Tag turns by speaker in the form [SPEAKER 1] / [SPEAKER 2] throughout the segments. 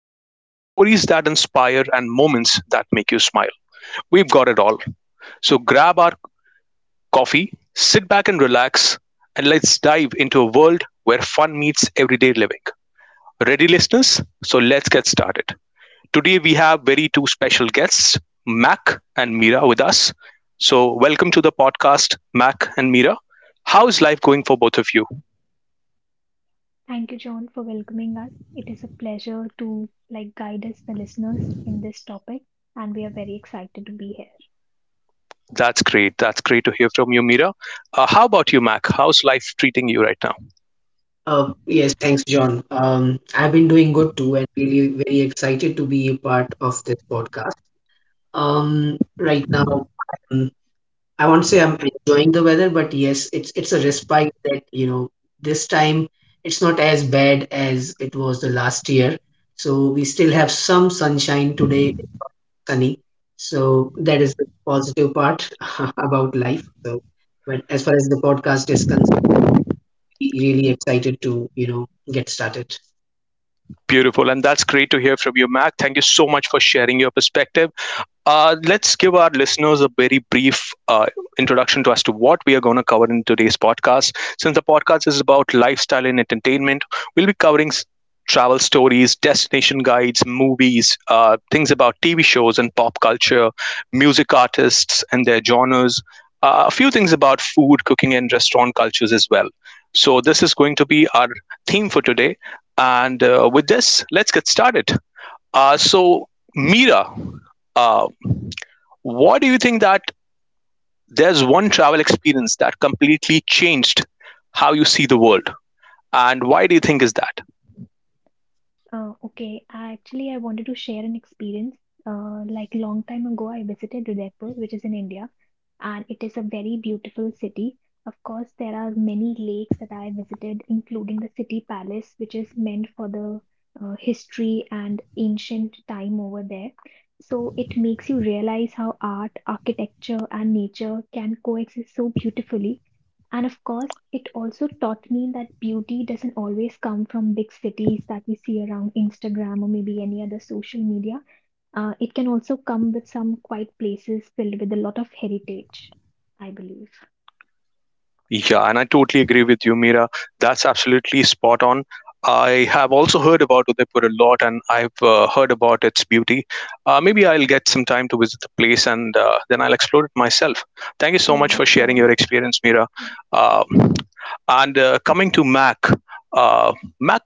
[SPEAKER 1] tips to stories that inspire and moments that make you smile. We've got it all. So grab our coffee, sit back and relax, and let's dive into a world where fun meets everyday living. Ready, listeners? So let's get started. Today we have very two special guests, Mac and Mira, with us. So welcome to the podcast, Mac and Mira. How is life going for both of you?
[SPEAKER 2] Thank you, John, for welcoming us. It is a pleasure to guide us, the listeners, in this topic, and we are very excited to be here.
[SPEAKER 1] That's great. That's great to hear from you, Mira. How about you, Mac? How's life treating you right now?
[SPEAKER 3] Yes, thanks, John. I've been doing good too, and really very excited to be a part of this podcast. Um, right now, um, I won't say I'm enjoying the weather, but yes, it's a respite that this time it's not as bad as it was the last year. So we still have some sunshine today, it's sunny. So that is the positive part about life. But as far as the podcast is concerned, really excited to get started.
[SPEAKER 1] Beautiful. And that's great to hear from you, Mac. Thank you so much for sharing your perspective. Let's give our listeners a very brief introduction to as to what we are going to cover in today's podcast. Since the podcast is about lifestyle and entertainment, we'll be covering travel stories, destination guides, movies, things about TV shows and pop culture, music artists and their genres, a few things about food, cooking, and restaurant cultures as well. So, this is going to be our theme for today. And with this, let's get started. Uh, so, Mira, uh, what do you think that there's one travel experience that completely changed how you see the world? And why do you think is that?
[SPEAKER 2] Okay, I actually I wanted to share an experience. Like long time ago, I visited Udaipur, which is in India, and it is a very beautiful city. Of course, there are many lakes that I visited, including the city palace, which is meant for the history and ancient time over there. So it makes you realize how art, architecture, and nature can coexist so beautifully, and of course, it also taught me that beauty doesn't always come from big cities that we see around Instagram or maybe any other social media. It can also come with some quiet places filled with a lot of heritage, I believe.
[SPEAKER 1] Yeah, and I totally agree with you, Mira. That's absolutely spot on. I have also heard about Udaipur a lot, and I've heard about its beauty. Maybe I'll get some time to visit the place, and then I'll explore it myself. Thank you so much
[SPEAKER 2] Yeah,
[SPEAKER 1] for sharing your
[SPEAKER 2] surely.
[SPEAKER 1] experience, Mira.
[SPEAKER 2] Yeah.
[SPEAKER 1] Um and coming to Mac, uh, Mac,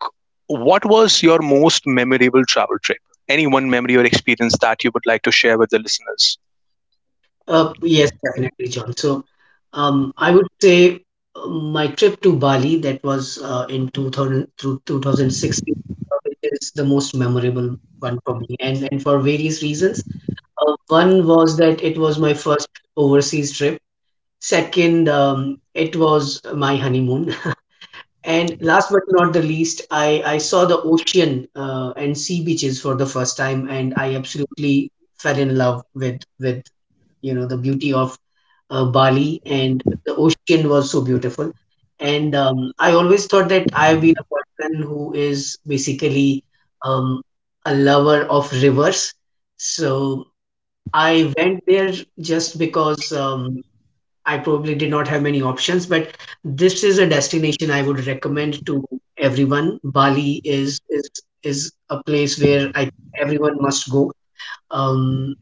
[SPEAKER 1] what was your most memorable travel trip? Any one memory or experience that you would like to share with the listeners?
[SPEAKER 3] Yes, definitely, John. I would say my trip to Bali that was in 2000 through 2016, which is the most memorable one for me, and for various reasons. One was that it was my first overseas trip. Second, it was my honeymoon. And last but not the least, I saw the ocean and sea beaches for the first time, and I absolutely fell in love with the beauty of Bali, and the ocean was so beautiful. And I always thought that I've been a person who is basically um, a lover of rivers. So I went there just because I probably did not have many options, but this is a destination I would recommend to everyone. Bali is a place where I everyone must go. Um,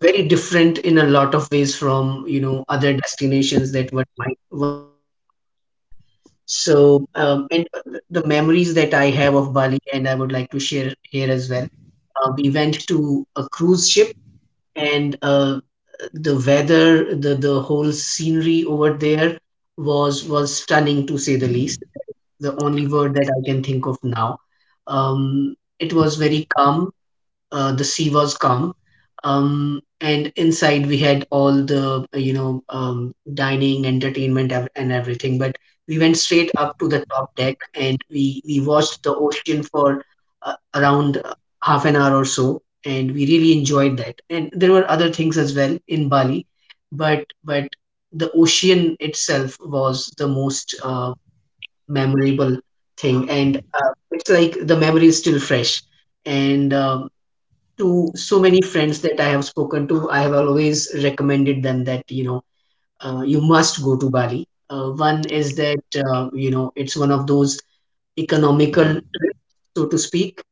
[SPEAKER 3] very different in a lot of ways from other destinations that one might think of. So and the memories that I have of Bali, and I would like to share here as well. We went to a cruise ship, and the weather, the whole scenery over there was stunning, to say the least. The only word that I can think of now. It was very calm, the sea was calm. And inside we had all the, dining, entertainment, and everything. But we went straight up to the top deck and we watched the ocean for around half an hour or so. And we really enjoyed that. And there were other things as well in Bali, but the ocean itself was the most memorable thing. And it's like the memory is still fresh, and to so many friends that I have spoken to, I have always recommended them that, you know, you must go to Bali. One is that, it's one of those economical trips, so to speak.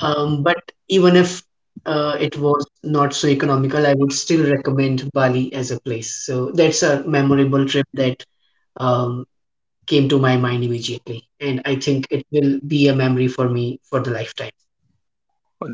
[SPEAKER 3] But even if it was not so economical, I would still recommend Bali as a place. So that's a memorable trip that um, came to my mind immediately. And I think it will be a memory for me for the lifetime.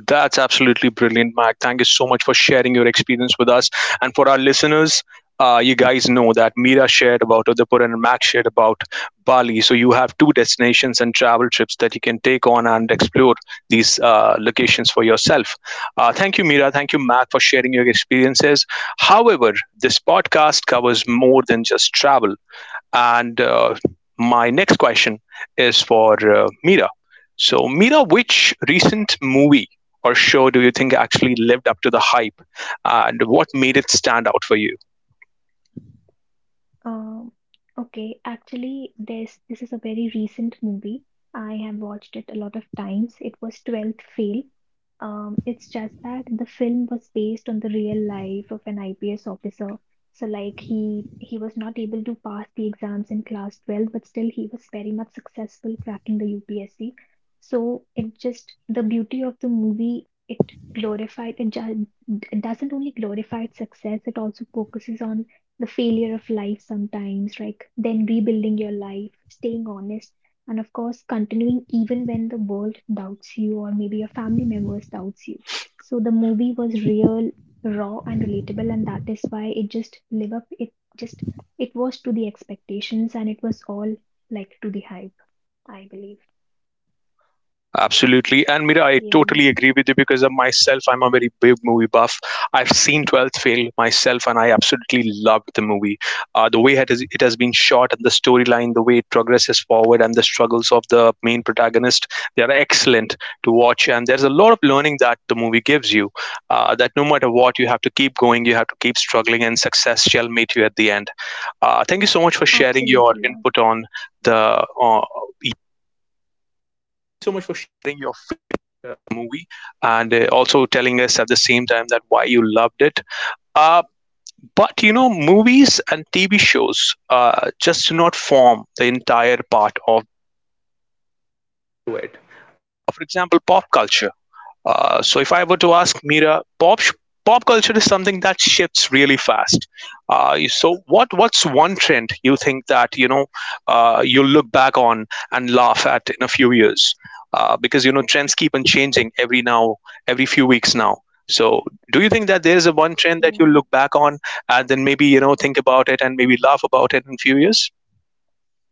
[SPEAKER 1] That's absolutely brilliant, Mac. Thank you so much for sharing your experience with us. And for our listeners, you guys know that Mira shared about Udaipur and Mac shared about Bali. So you have two destinations and travel trips that you can take on and explore these locations for yourself. Thank you, Mira. Thank you, Mac, for sharing your experiences. However, this podcast covers more than just travel. And my next question is for Mira. So, Mira, which recent movie or show do you think actually lived up to the hype, and what made it stand out for you?
[SPEAKER 2] Um, okay, actually, this is a very recent movie. I have watched it a lot of times. It was 12th Fail. It's just that the film was based on the real life of an IPS officer. So he was not able to pass the exams in class 12, but still he was very much successful cracking the UPSC. So it just the beauty of the movie, glorified it, ju- it doesn't only glorified success, it also focuses on the failure of life sometimes, like then rebuilding your life, staying honest, and of course, continuing even when the world doubts you or maybe your family members doubts you. So the movie was real, raw, and relatable, and that is why it just live up. It just it was to the expectations, and it was all like to the hype. I believe.
[SPEAKER 1] Absolutely. And Mira, I
[SPEAKER 2] Yeah,
[SPEAKER 1] totally agree with you because of myself, I'm a very big movie buff. I've seen 12th Fail myself and I absolutely loved the movie. The way it has been shot and the storyline, the way it progresses forward and the struggles of the main protagonist, they are excellent to watch. And there's a lot of learning that the movie gives you that no matter what, you have to keep going, you have to keep struggling, and success shall meet you at the end. Thank you so much for sharing your
[SPEAKER 2] absolutely. Yeah,
[SPEAKER 1] input on the. So much for sharing your movie and also telling us at the same time that why you loved it. Uh, but you know, movies and TV shows just do not form the entire part of it. For example, pop culture. So if I were to ask Mira, pop culture is something that shifts really fast. So what's one trend you think that you know you'll look back on and laugh at in a few years? Because you know trends keep on changing every now every few weeks now. So do you think that there is a one trend that you
[SPEAKER 2] yeah.
[SPEAKER 1] look back on and then maybe you know think about it and maybe laugh about it in a few years?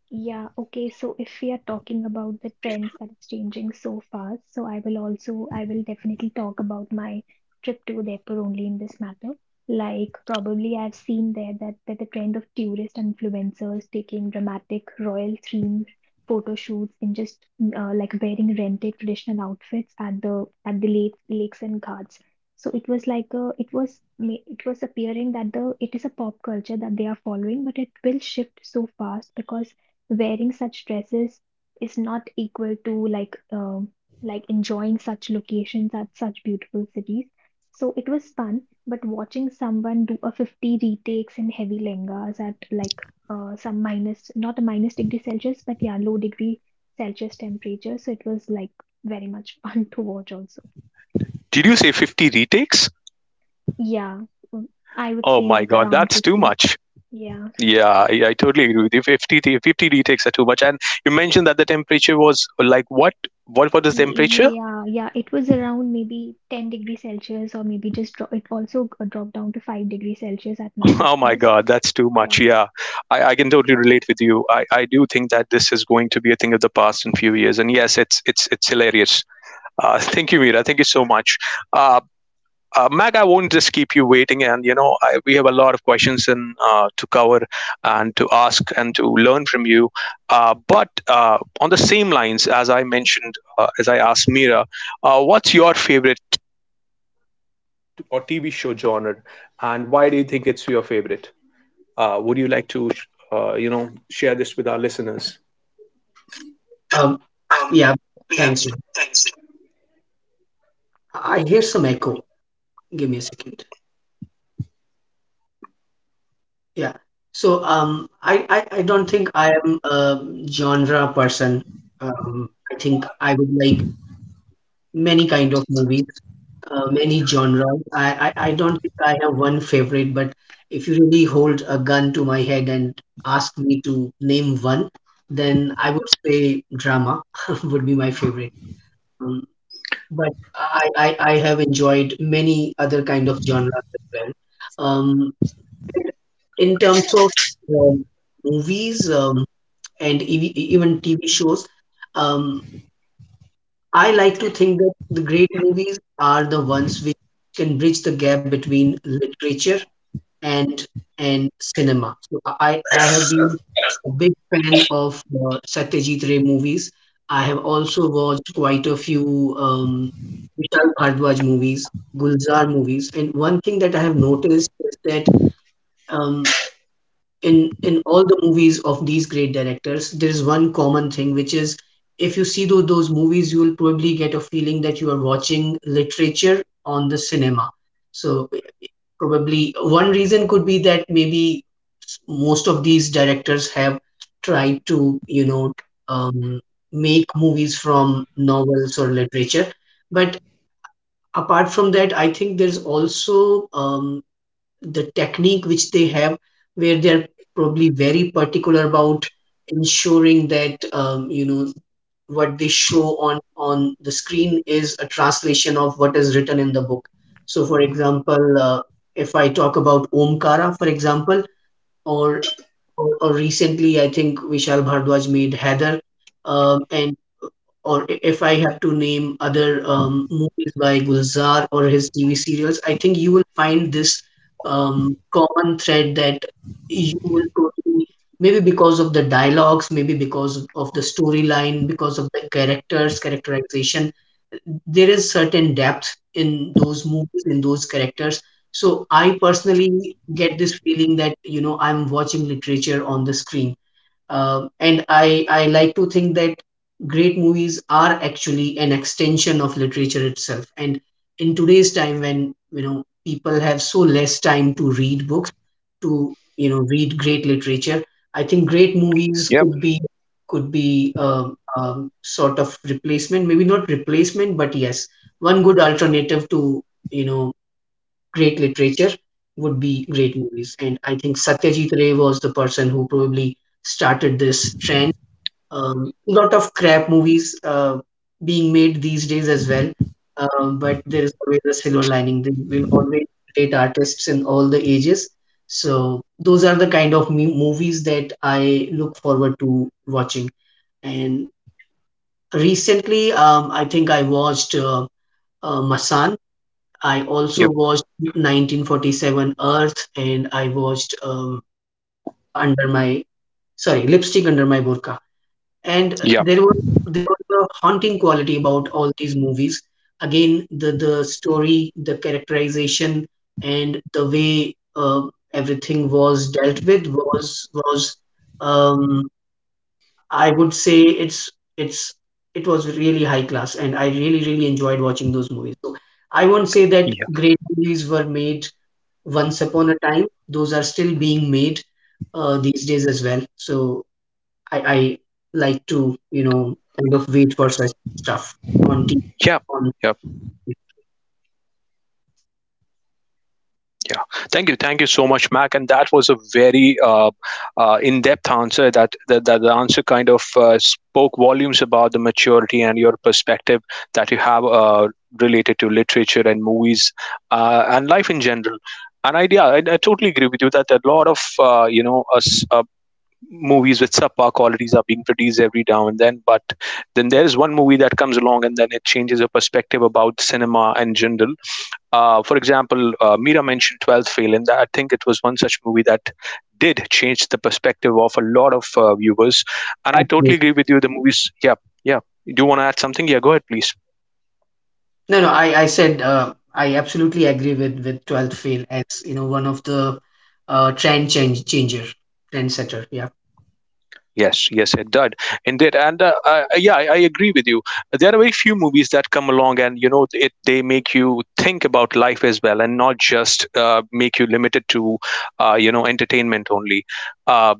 [SPEAKER 2] Yeah, okay. So if we are talking about the trends that is changing so fast, so I will also, I will definitely talk about my trip to Udaipur only in this matter. Like probably I've seen there that, the trend of tourist influencers taking dramatic royal themed photo shoots in just like wearing rented traditional outfits at the lakes and ghats. So it was like it it was appearing that the it is a pop culture that they are following, but it will shift so fast because wearing such dresses is not equal to like enjoying such locations at such beautiful cities. So it was fun, but watching someone do a 50 retakes in heavy lengas at like some minus not a minus degree Celsius, but yeah, low degree Celsius temperature. So it was like very much fun to watch also.
[SPEAKER 1] Did you say 50 retakes?
[SPEAKER 2] Yeah. mm, I would
[SPEAKER 1] Oh
[SPEAKER 2] say
[SPEAKER 1] my
[SPEAKER 2] like
[SPEAKER 1] god,
[SPEAKER 2] around
[SPEAKER 1] that's too
[SPEAKER 2] 50.
[SPEAKER 1] much.
[SPEAKER 2] Yeah.
[SPEAKER 1] Yeah, I totally agree with you. 50 retakes are too much. And you mentioned that the temperature was like what? What is temperature?
[SPEAKER 2] Yeah, yeah, it was around maybe 10-degree Celsius, or maybe just dro- it also g- dropped down to 5 degree Celsius at night, of
[SPEAKER 1] Oh my
[SPEAKER 2] course.
[SPEAKER 1] God, that's too much.
[SPEAKER 2] Yeah.
[SPEAKER 1] Yeah, I can totally relate with you. I do think that this is going to be a thing of the past in few years. And yes, it's hilarious. Thank you, Mira. Thank you so much. Uh, Meg, I won't just keep you waiting, and you know we have a lot of questions in, to cover and to ask and to learn from you. But On the same lines as I mentioned, as I asked Mira, what's your favorite or TV show genre, and why do you think it's your favorite? Would you like to, you know, share this with our listeners?
[SPEAKER 3] Um, yeah, thanks, John. I hear some echo. Give me a second. Yeah. So um, I don't think I am a genre person. I think I would like many kind of movies, many genres. I don't think I have one favorite, but if you really hold a gun to my head and ask me to name one, then I would say drama would be my favorite. Um, but I have enjoyed many other kind of genres as well. Um, in terms of um, movies, and even TV shows, um, I like to think that the great movies are the ones which can bridge the gap between literature and and cinema. So I have been a big fan of Satyajit Ray movies. I have also watched quite a few Vishal Bhardwaj movies, Gulzar movies, and one thing that I have noticed is that. Um, in all the movies of these great directors there is one common thing, which is if you see those movies you will probably get a feeling that you are watching literature on the cinema. So probably one reason could be that maybe most of these directors have tried to um, make movies from novels or literature. But apart from that, I think there's also the technique which they have, where they're probably very particular about ensuring that what they show on the screen is a translation of what is written in the book. So, for example, if I talk about Omkara, for example, or or recently I think Vishal Bhardwaj made Heather, and or if I have to name other um, movies by Gulzar or his TV serials, I think you will find this common thread that you will totally, maybe because of the dialogues, maybe because of the storyline, because of the characters, characterization, there is certain depth in those movies, in those characters. So I personally get this feeling that, you know, I'm watching literature on the screen. And I like to think that great movies are actually an extension of literature itself. And in today's time when, you know, people have so less time to read books, to, you know, read great literature, I think great movies
[SPEAKER 1] Yep.
[SPEAKER 3] could be sort of replacement, maybe not replacement, but yes, one good alternative to, you know, great literature would be great movies. And I think Satyajit Ray was the person who probably started this trend. Lot of crap movies being made these days as well. But there is always a silver lining. There will always be great artists in all the ages. So those are the kind of movies that I look forward to watching. And recently, I think I watched Masan. I also
[SPEAKER 1] Yep.
[SPEAKER 3] watched 1947 Earth and I watched Burqa under my sorry Lipstick Under My Burqa, and
[SPEAKER 1] Yeah,
[SPEAKER 3] there was there was a haunting quality about all these movies. Again, the story, the characterization, and the way everything was dealt with was um, I would say, it's it was really high class, and I really really enjoyed watching those movies. So I won't say that great movies were made once upon a time; those are still being made these days as well. So I like to kind of wait for such stuff on TV.
[SPEAKER 1] yeah,
[SPEAKER 3] On
[SPEAKER 1] yeah. Yeah. Thank you. Thank you so much, Mac. And that was a very in-depth answer. That the answer kind of spoke volumes about the maturity and your perspective that you have related to literature and movies and life in general. And idea, I totally agree with you that a lot of you know us movies with subpar qualities are being produced every now and then. But then there is one movie that comes along and then it changes your perspective about cinema in general for example, Mira mentioned 12 Fail, and I think it was one such movie that did change the perspective of a lot of viewers. And I totally agree with you. The movies, yeah, yeah. You do want to add something? Yeah, go ahead, please.
[SPEAKER 3] no no I I said, I absolutely agree with 12th Fail as one of the, trend change changer trendsetter. Yeah.
[SPEAKER 1] Yes, yes, it did, indeed, and yeah, I agree with you. There are very few movies that come along, and you know, it they make you think about life as well, and not just make you limited to, you know, entertainment only. Uh,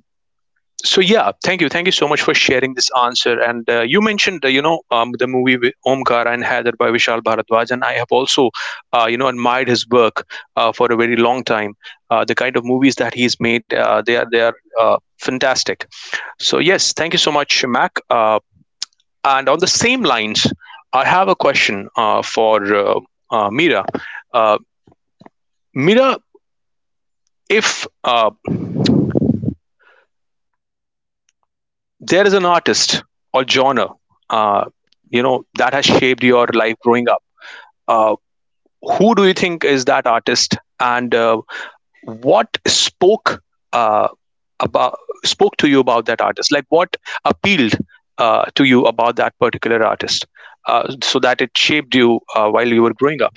[SPEAKER 1] so yeah thank you so much for sharing this answer and you mentioned you know the movie with Omkara and Hadar by Vishal Bharadwaj, and I have also you know admired his work for a very long time, the kind of movies that he's made, they are uh, fantastic. So yes thank you so much Mac, and on the same lines I have a question for uh, Mira. uh, Mira, if uh, there is an artist or genre uh, you know that has shaped your life growing up, uh, who do you think is that artist and what spoke uh, about spoke to you about that artist, like what appealed to you about that particular artist, so that it shaped you while you were growing up?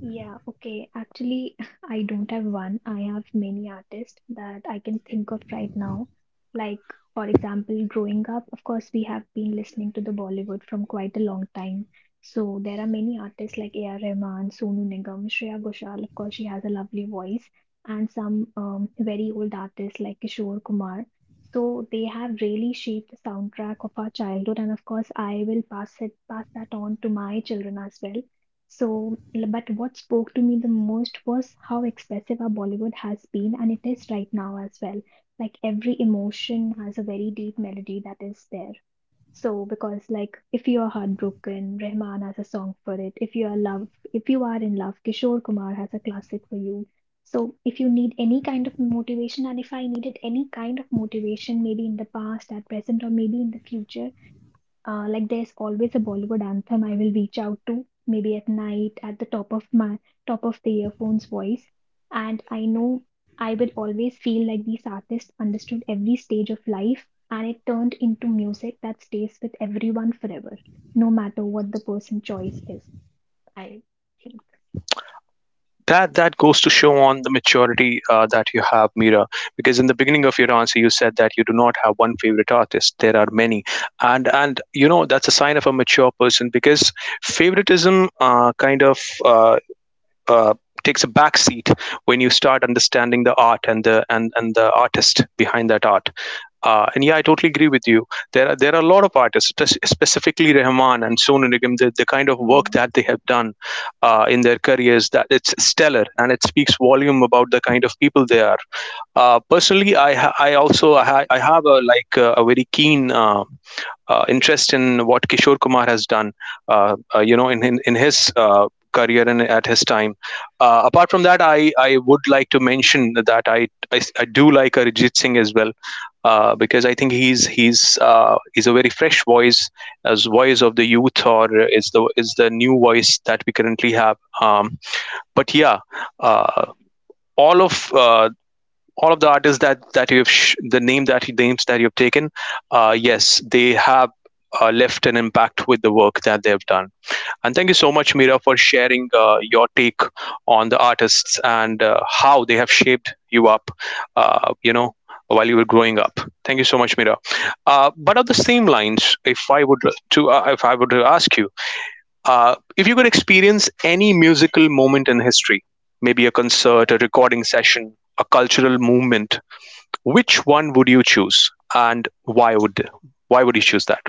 [SPEAKER 2] Yeah, okay. Actually, I don't have one. I have many artists that I can think of right now. Like, for example, growing up, of course, we have been listening to the Bollywood from quite a long time. So there are many artists like A.R. Rahman, Sonu Nigam, Shreya Ghoshal. Of course, she has a lovely voice, and some very old artists like Kishore Kumar. So they have really shaped the soundtrack of our childhood, and of course, I will pass that on to my children as well. So, but what spoke to me the most was how expressive our Bollywood has been, and it is right now as well. Like every emotion has a very deep melody that is there. So, because like if you are heartbroken, Rahman has a song for it. If you are in love, Kishore Kumar has a classic for you. So, if you need any kind of motivation, and if I needed any kind of motivation, maybe in the past, at present, or maybe in the future, like there's always a Bollywood anthem I will reach out to, maybe at night at the top of the earphones voice. And I know I will always feel like these artists understood every stage of life, and it turned into music that stays with everyone forever, no matter what the person choice is. I think.
[SPEAKER 1] That goes to show on the maturity that you have, Mira, because in the beginning of your answer you said that you do not have one favorite artist, there are many. And you know that's a sign of a mature person because favoritism uh, uh, takes a back seat when you start understanding the art and the artist behind that art. And yeah, I totally agree with you. There are a lot of artists, specifically Rahman and Sonu Nigam, the kind of work
[SPEAKER 2] Yeah.
[SPEAKER 1] that they have done in their careers, that it's stellar and it speaks volume about the kind of people they are. Personally, I ha- I also I, ha- I have a a very keen, interest in what Kishore Kumar has done, you know, in his career and at his time. Apart from that, I would like to mention that I do like Arijit Singh as well. Because I think he's a very fresh voice as voice of the youth, or is the new voice that we currently have. But yeah, uh, all of uh, all of the artists that the name that he names that you've taken, yes they have left an impact with the work that they've done. And thank you so much, Mira, for sharing your take on the artists and how they have shaped you up, you know, while you were growing up. Thank you so much, Mira. But on the same lines, if I would to ask you, if you could experience any musical moment in history, maybe a concert, a recording session, a cultural movement, which one would you choose, and why would you choose that?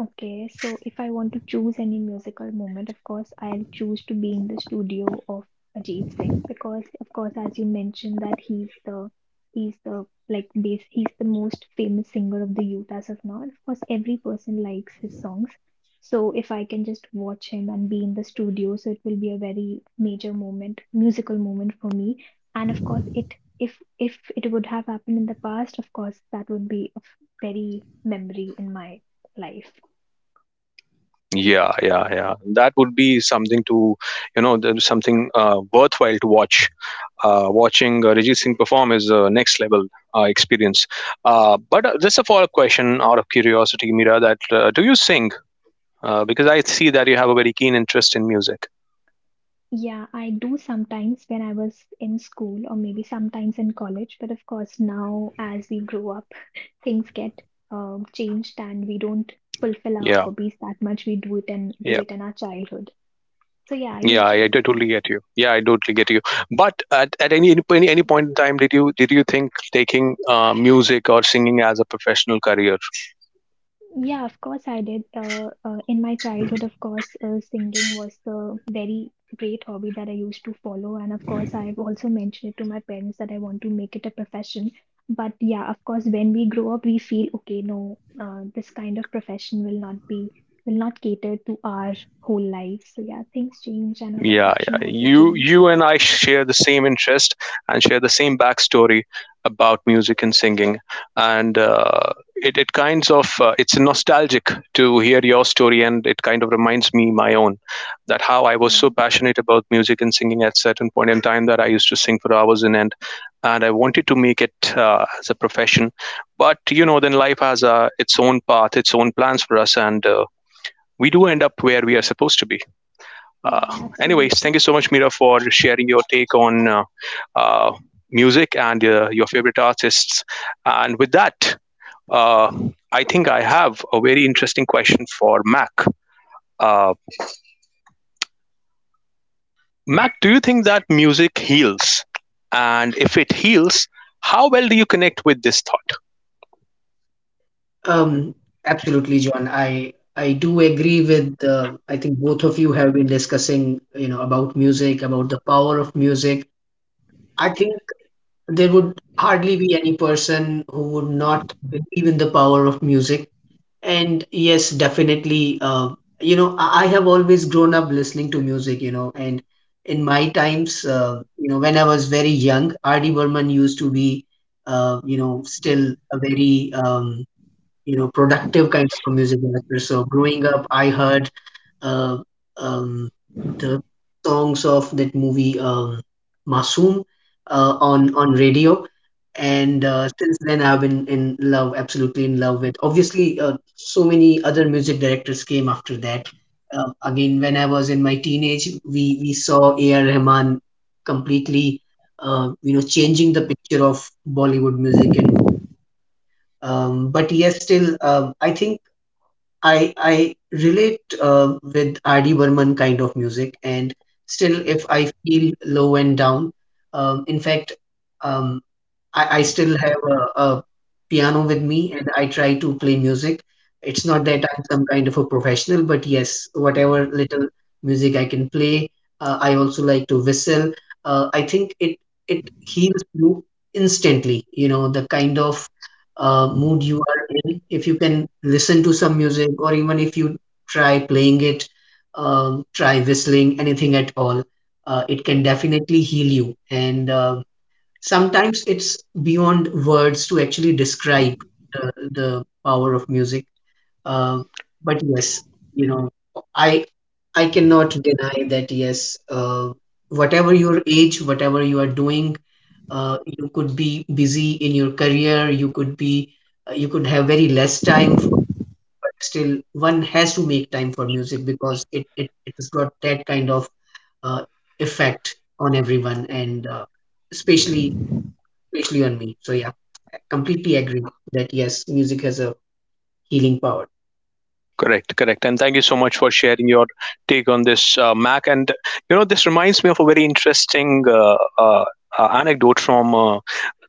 [SPEAKER 2] Okay, so if I want to choose any musical moment, of course, I'll choose to be in the studio of Ajit Singh because, of course, as you mentioned, that he's the most famous singer of the youth as of now, and of course, every person likes his songs. So if I can just watch him and be in the studio, so it will be a very major moment, musical moment for me. And of course, it if it would have happened in the past, of course, that would be a very memory in my life.
[SPEAKER 1] Yeah, yeah, yeah. That would be something to, you know, something worthwhile to watch. Watching Arijit Singh perform is a next level experience. But just a follow up question out of curiosity, Mira, that do you sing? Because I see that you have a very keen interest in music.
[SPEAKER 2] Yeah, I do sometimes when I was in school or maybe sometimes in college, but of course now as we grow up, things get changed and we don't fulfill our
[SPEAKER 1] Yeah,
[SPEAKER 2] hobbies that much. We do it and do
[SPEAKER 1] yeah.
[SPEAKER 2] it in our childhood. So yeah, I
[SPEAKER 1] Yeah,
[SPEAKER 2] used
[SPEAKER 1] I,
[SPEAKER 2] to.
[SPEAKER 1] I totally get you. Yeah, I totally get you. But at any point in time, did you think taking music or singing as a professional career?
[SPEAKER 2] Yeah, of course I did. In my childhood, of course, singing was the very great hobby that I used to follow. And of course, I've also mentioned it to my parents that I want to make it a profession. But yeah, of course, when we grow up, we feel, okay, no, this kind of profession will not cater to our whole life. So yeah, things change and our
[SPEAKER 1] Yeah,
[SPEAKER 2] perception
[SPEAKER 1] yeah.
[SPEAKER 2] also
[SPEAKER 1] You
[SPEAKER 2] change.
[SPEAKER 1] you and I share the same interest and share the same backstory about music and singing, and it it kinds of it's nostalgic to hear your story, and it kind of reminds me my own that how I was so
[SPEAKER 2] Yeah,
[SPEAKER 1] passionate about music and singing at certain point in time that I used to sing for hours in end, and I wanted to make it as a profession, but you know then life has its own path, its own plans for us, and we do end up where we are supposed to be.
[SPEAKER 2] yeah,
[SPEAKER 1] Anyways, thank
[SPEAKER 2] absolutely.
[SPEAKER 1] you so much, Mira, for sharing your take on uh, music and your favorite artists. And with that, uh, I think I have a very interesting question for Mac. Uh, Mac, do you think that music heals? And if it heals, how well do you connect with this thought?
[SPEAKER 3] Um, absolutely, John. I do agree with, I think both of you have been discussing, you know, about music, about the power of music. I think there would hardly be any person who would not believe in the power of music. And yes, definitely, I have always grown up listening to music, you know, and in my times, when I was very young, R.D. Burman used to be, still a very productive kind of a music director. So growing up, I heard uh, um, the songs of that movie Masoom on radio, and since then I've been in love, absolutely in love with. Obviously, so many other music directors came after that. Again, when I was in my teenage, we saw A.R. Rahman completely, changing the picture of Bollywood music. And but yes, still, I think I relate, with R.D. Burman kind of music, and still, if I feel low and down, um, in fact, um, I still have a piano with me and I try to play music. It's not that I'm some kind of a professional, but yes, whatever little music I can play, I also like to whistle. I think it heals you instantly. You know, the kind of mood you are in, if you can listen to some music, or even if you try playing it, try whistling, anything at all, it can definitely heal you. And sometimes it's beyond words to actually describe the power of music. Uh, but yes, you know, I I cannot deny that yes, whatever your age, whatever you are doing, you could be busy in your career. You could be you could have very less time for, but still one has to make time for music, because it has got that kind of uh, effect on everyone. And especially especially on me. So yeah, I completely agree that yes, music has a healing power.
[SPEAKER 1] Correct, correct. And thank you so much for sharing your take on this, Mac. And, you know, this reminds me of a very interesting anecdote from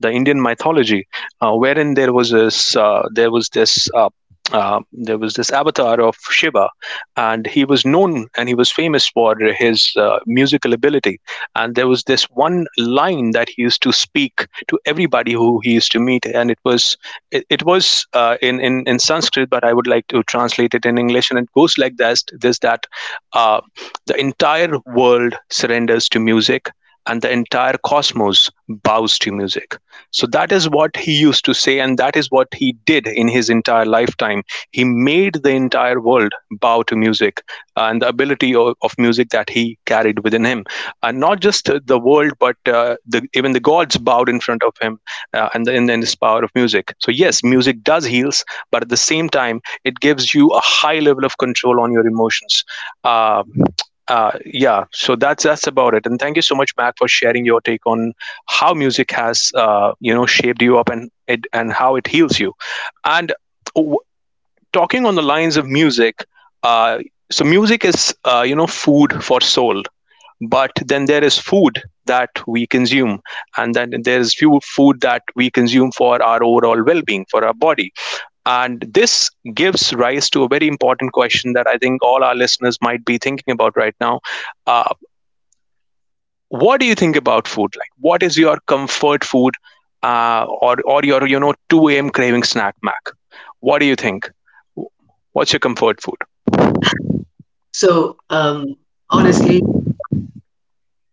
[SPEAKER 1] the Indian mythology, wherein there was this, there was this, there was this avatar of Shiva, and he was known and he was famous for his musical ability. And there was this one line that he used to speak to everybody who he used to meet, and it was it, it was in Sanskrit, but I would like to translate it in English, and it goes like this: this that uh, the entire world surrenders to music, and the entire cosmos bows to music. So that is what he used to say, and that is what he did in his entire lifetime. He made the entire world bow to music, and the ability of music that he carried within him, and not just the world, but even the gods bowed in front of him and this power of music. So yes, music does heals, but at the same time it gives you a high level of control on your emotions. uh, yeah, so that's about it. And thank you so much, Mac, for sharing your take on how music has you know shaped you up and it and how it heals you and w- talking on the lines of music. uh, so music is you know food for soul, but then there is food that we consume, and then there is few food that we consume for our overall well-being for our body. And this gives rise to a very important question that I think all our listeners might be thinking about right now. uh, what do you think about food, like what is your comfort food, or your you know 2 a.m. craving snack, Mac? What do you think? What's your comfort food?
[SPEAKER 3] So honestly,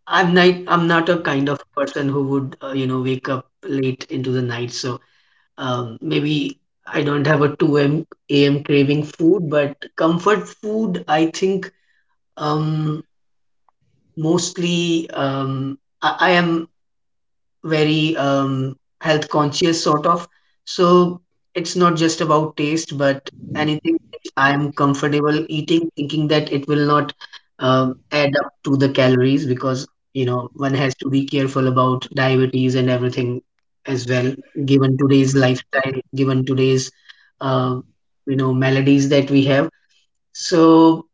[SPEAKER 3] I'm not a kind of person who would wake up late into the night. So maybe I don't have a 2 a.m. a m craving food, but comfort food, I think um, mostly I am very health conscious sort of. So it's not just about taste, but anything that I'm comfortable eating, thinking that it will not add up to the calories because you know one has to be careful about diabetes and everything as well, given today's lifestyle, given today's uh, you know maladies that we have. So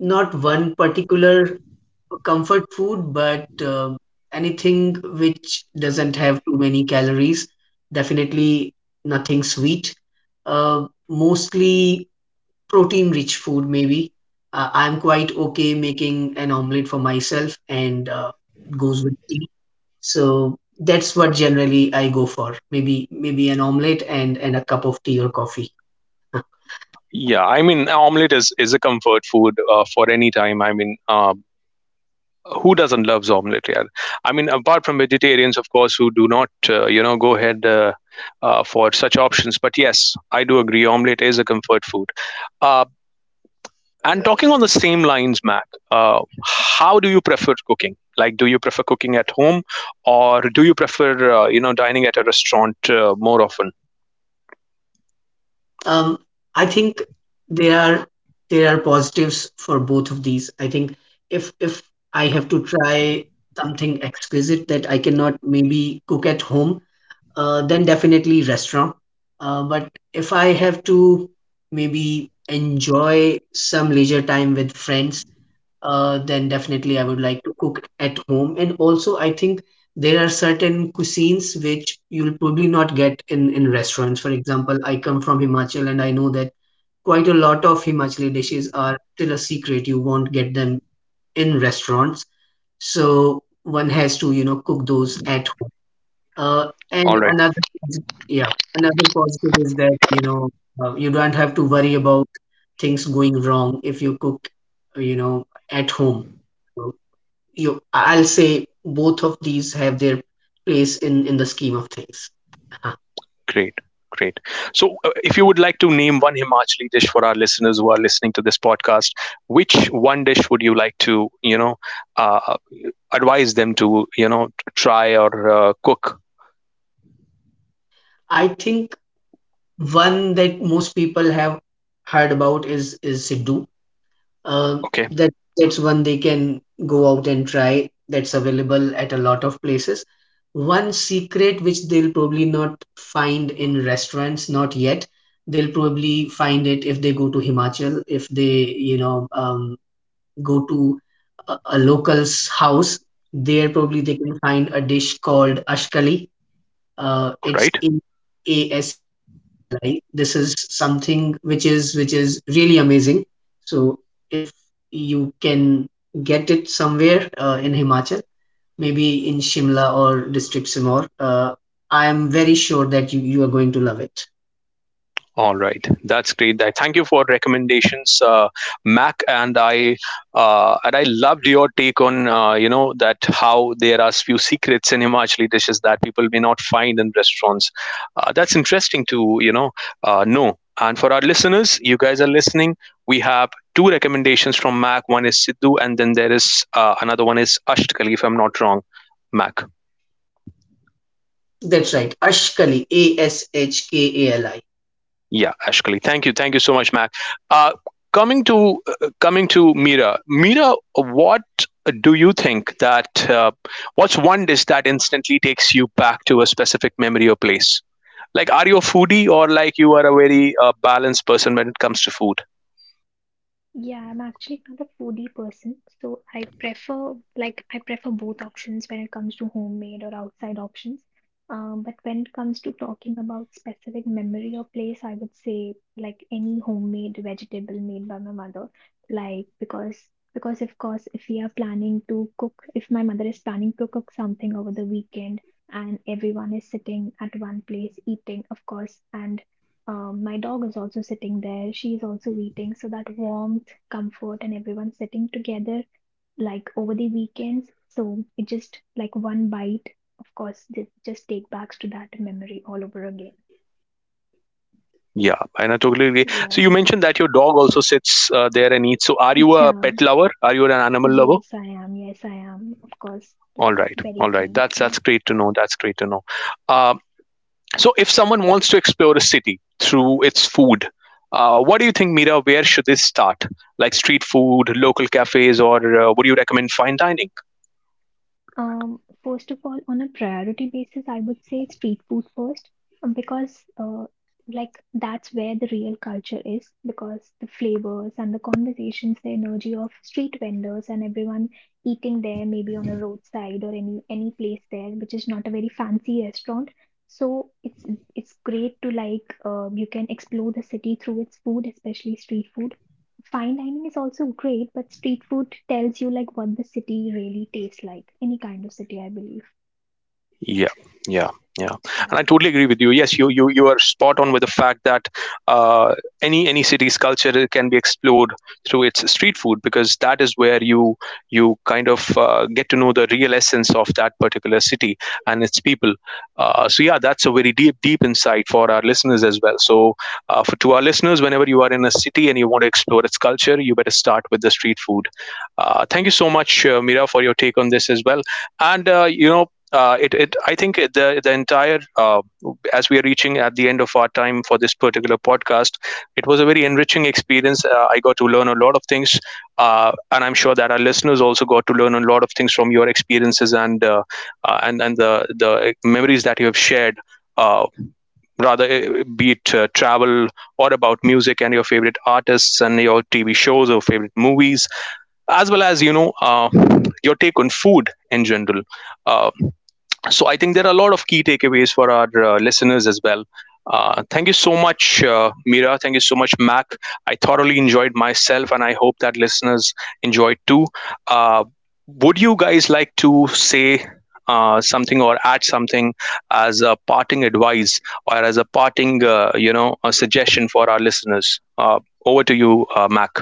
[SPEAKER 3] not one particular comfort food, but anything which doesn't have too many calories, definitely nothing sweet. Mostly protein-rich food, maybe. I'm quite okay making an omelette for myself, and it goes with tea. So that's what generally I go for. Maybe an omelette and a cup of tea or coffee.
[SPEAKER 1] Yeah, I mean omelet is a comfort food for any time. I mean who doesn't love omelette, yaar? I mean apart from vegetarians, of course, who do not you know go ahead for such options. But yes, I do agree omelette is a comfort food. uh, and talking on the same lines, Mac, uh, how do you prefer cooking? Like do you prefer cooking at home, or do you prefer you know dining at a restaurant more often?
[SPEAKER 3] Um, I think there are there are positives for both of these. I think if I have to try something exquisite that I cannot maybe cook at home, then definitely restaurant. But if I have to maybe enjoy some leisure time with friends, then definitely I would like to cook at home. And also, I think there are certain cuisines which you'll probably not get in restaurants. For example, I come from Himachal and I know that quite a lot of Himachali dishes are still a secret. You won't get them in restaurants. So one has to, you know, cook those at home.
[SPEAKER 1] All
[SPEAKER 3] And
[SPEAKER 1] right.
[SPEAKER 3] another, yeah, another positive is that, you know, you don't have to worry about things going wrong if you cook, you know, at home. So you, I'll say both of these have their place in the scheme of things. Uh,
[SPEAKER 1] Great, great. So, if you would like to name one Himachali dish for our listeners who are listening to this podcast, which one dish would you like to, you know, uh, advise them to, you know, try or cook?
[SPEAKER 3] I think one that most people have heard about is Siddu. Um,
[SPEAKER 1] Okay,
[SPEAKER 3] that's one they can go out and try. That's available at a lot of places. One secret which they'll probably not find in restaurants, not yet. They'll probably find it if they go to Himachal, if they, you know, go to a local's house. There probably they can find a dish called ashkali.
[SPEAKER 1] all
[SPEAKER 3] It's
[SPEAKER 1] right.
[SPEAKER 3] Ashkali. This is something which is really amazing. So if you can get it somewhere in Himachal, maybe in Shimla or District Simoor, I am very sure that you are going to love it.
[SPEAKER 1] All right, that's great. I thank you for recommendations, Mac, and I loved your take on you know that how there are few secrets in Himachali dishes that people may not find in restaurants. That's interesting to you know know. And for our listeners, you guys are listening. We have two recommendations from Mac. One is Sidhu, and then there is another one is Ashtkali, if I'm not wrong, Mac.
[SPEAKER 3] That's right, Ashkali, A S H K A L I.
[SPEAKER 1] Yeah, Ashkali. Thank you. Thank you so much, Mac. Uh, coming to coming to Mira. Mira, what do you think that what's one dish that instantly takes you back to a specific memory or place? Like, are you a foodie, or like you are a very balanced person when it comes to food?
[SPEAKER 2] Yeah, I'm actually not a foodie person, so I prefer both options when it comes to homemade or outside options. But when it comes to talking about specific memory or place, I would say like any homemade vegetable made by my mother. Because of course if we are planning to cook, if my mother is planning to cook something over the weekend and everyone is sitting at one place eating, of course, and my dog is also sitting there. She is also eating. So that warmth, comfort, and everyone sitting together like over the weekends. So it just like one bite. Of course, just take backs to that memory all over again.
[SPEAKER 1] Yeah, and I totally agree. So you
[SPEAKER 2] Yeah.
[SPEAKER 1] mentioned that your dog also sits there and eats. So are you a
[SPEAKER 2] Yeah.
[SPEAKER 1] pet lover? Are you an animal lover?
[SPEAKER 2] Yes, I am. Yes, I am. Of course,
[SPEAKER 1] All
[SPEAKER 2] like
[SPEAKER 1] right,
[SPEAKER 2] very
[SPEAKER 1] all right.
[SPEAKER 2] keen.
[SPEAKER 1] That's
[SPEAKER 2] Yeah.
[SPEAKER 1] that's great to know. That's great to know. Uh, so, if someone wants to explore a city through its food, what do you think, Mira? Where should they start? Like street food, local cafes, or would you recommend fine dining?
[SPEAKER 2] First of all, on a priority basis, I would say street food first, because like that's where the real culture is, because the flavors and the conversations, the energy of street vendors and everyone eating there, maybe on a roadside or any place there, which is not a very fancy restaurant. So it's great to you can explore the city through its food, especially street food. Fine dining is also great, but street food tells you like what the city really tastes like. Any kind of city, I believe.
[SPEAKER 1] Yeah, yeah, yeah. And I totally
[SPEAKER 2] Yeah,
[SPEAKER 1] agree with you. Yes, you are spot on with the fact that uh, any city's culture can be explored through its street food, because that is where you kind of get to know the real essence of that particular city and its people. So yeah, that's a very deep insight for our listeners as well. So for to our listeners, whenever you are in a city and you want to explore its culture, you better start with the street food. Thank you so much, Mira, for your take on this as well, and you know it, it I think the entire, as we are reaching at the end of our time for this particular podcast, it was a very enriching experience. I got to learn a lot of things, and I'm sure that our listeners also got to learn a lot of things from your experiences, and and the memories that you have shared. Uh, rather, be it travel or about music and your favorite artists and your TV shows or favorite movies, as well as you know your take on food in general. uh, so I think there are a lot of key takeaways for our listeners as well. Thank you so much, Mira. Thank you so much, Mac. I thoroughly enjoyed myself, and I hope that listeners enjoyed too. Uh, would you guys like to say something or add something as a parting advice or as a parting, you know, a suggestion for our listeners? Over to you, Mac.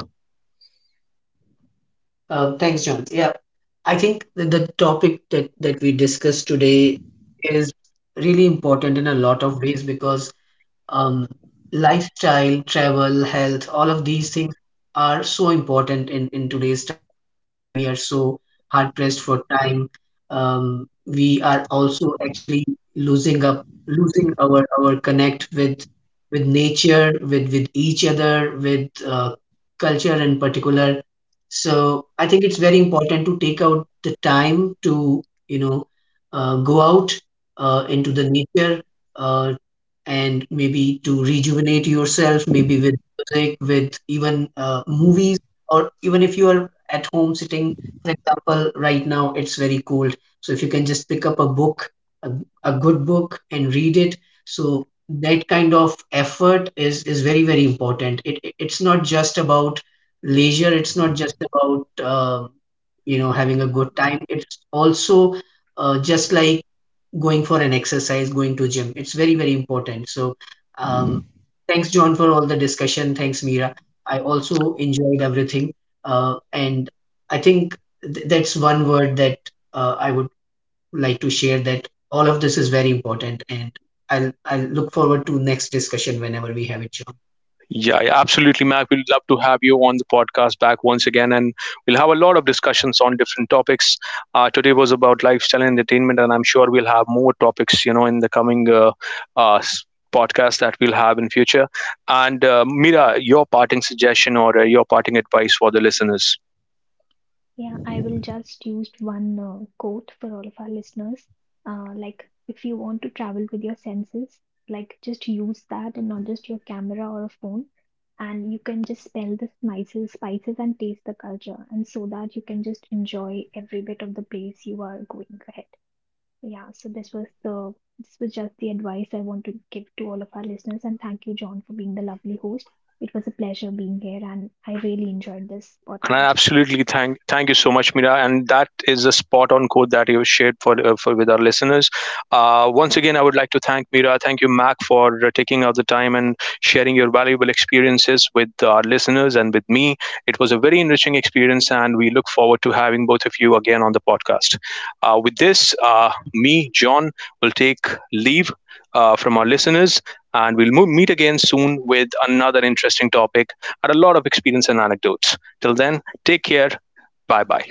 [SPEAKER 3] Thanks, John. Yeah, I think that the topic that we discussed today is really important in a lot of ways because um, lifestyle, travel, health, all of these things are so important in today's time. Like we are so hard pressed for time. We are also actually losing our connect with nature, with each other, with culture in particular. So I think it's very important to take out the time to you know go out into the nature, uh, and maybe to rejuvenate yourself, maybe with music, with even movies, or even if you are at home sitting, for example, right now it's very cold. So if you can just pick up a book, a, a good book, and read it, so that kind of effort is very very important. It it's not just about leisure. It's not just about you know having a good time. It's also just like going for an exercise, going to gym. It's very, very important. So, um, thanks, John, for all the discussion. Thanks, Mira. I also enjoyed everything. And I think that's one word that I would like to share that all of this is very important. And I'll look forward to next discussion whenever we have it, John.
[SPEAKER 1] Yeah, yeah, absolutely, Mac. We'd love to have you on the podcast back once again, and we'll have a lot of discussions on different topics. Today was about lifestyle and entertainment, and I'm sure we'll have more topics, you know, in the coming uh, s- podcast that we'll have in future. And Mira, your parting suggestion or your parting advice for the listeners?
[SPEAKER 2] yeah. I will just use one quote for all of our listeners. Like, if you want to travel with your senses, like just use that and not just your camera or a phone. And you can just smell the spices, and taste the culture, and so that you can just enjoy every bit of the place you are going ahead. Yeah, so this was just the advice I want to give to all of our listeners. And thank you, John, for being the lovely host. It was a pleasure being here, and I really enjoyed this
[SPEAKER 1] And I
[SPEAKER 2] podcast.
[SPEAKER 1] absolutely thank you so much, Mira. And that is a spot on quote that you shared for with our listeners. Once again, I would like to thank Mira. Thank you, Mac, for taking out the time and sharing your valuable experiences with our listeners and with me. It was a very enriching experience, and we look forward to having both of you again on the podcast. With this, me, John, will take leave from our listeners. And we'll meet again soon with another interesting topic and a lot of experience and anecdotes. Till then, take care. Bye bye.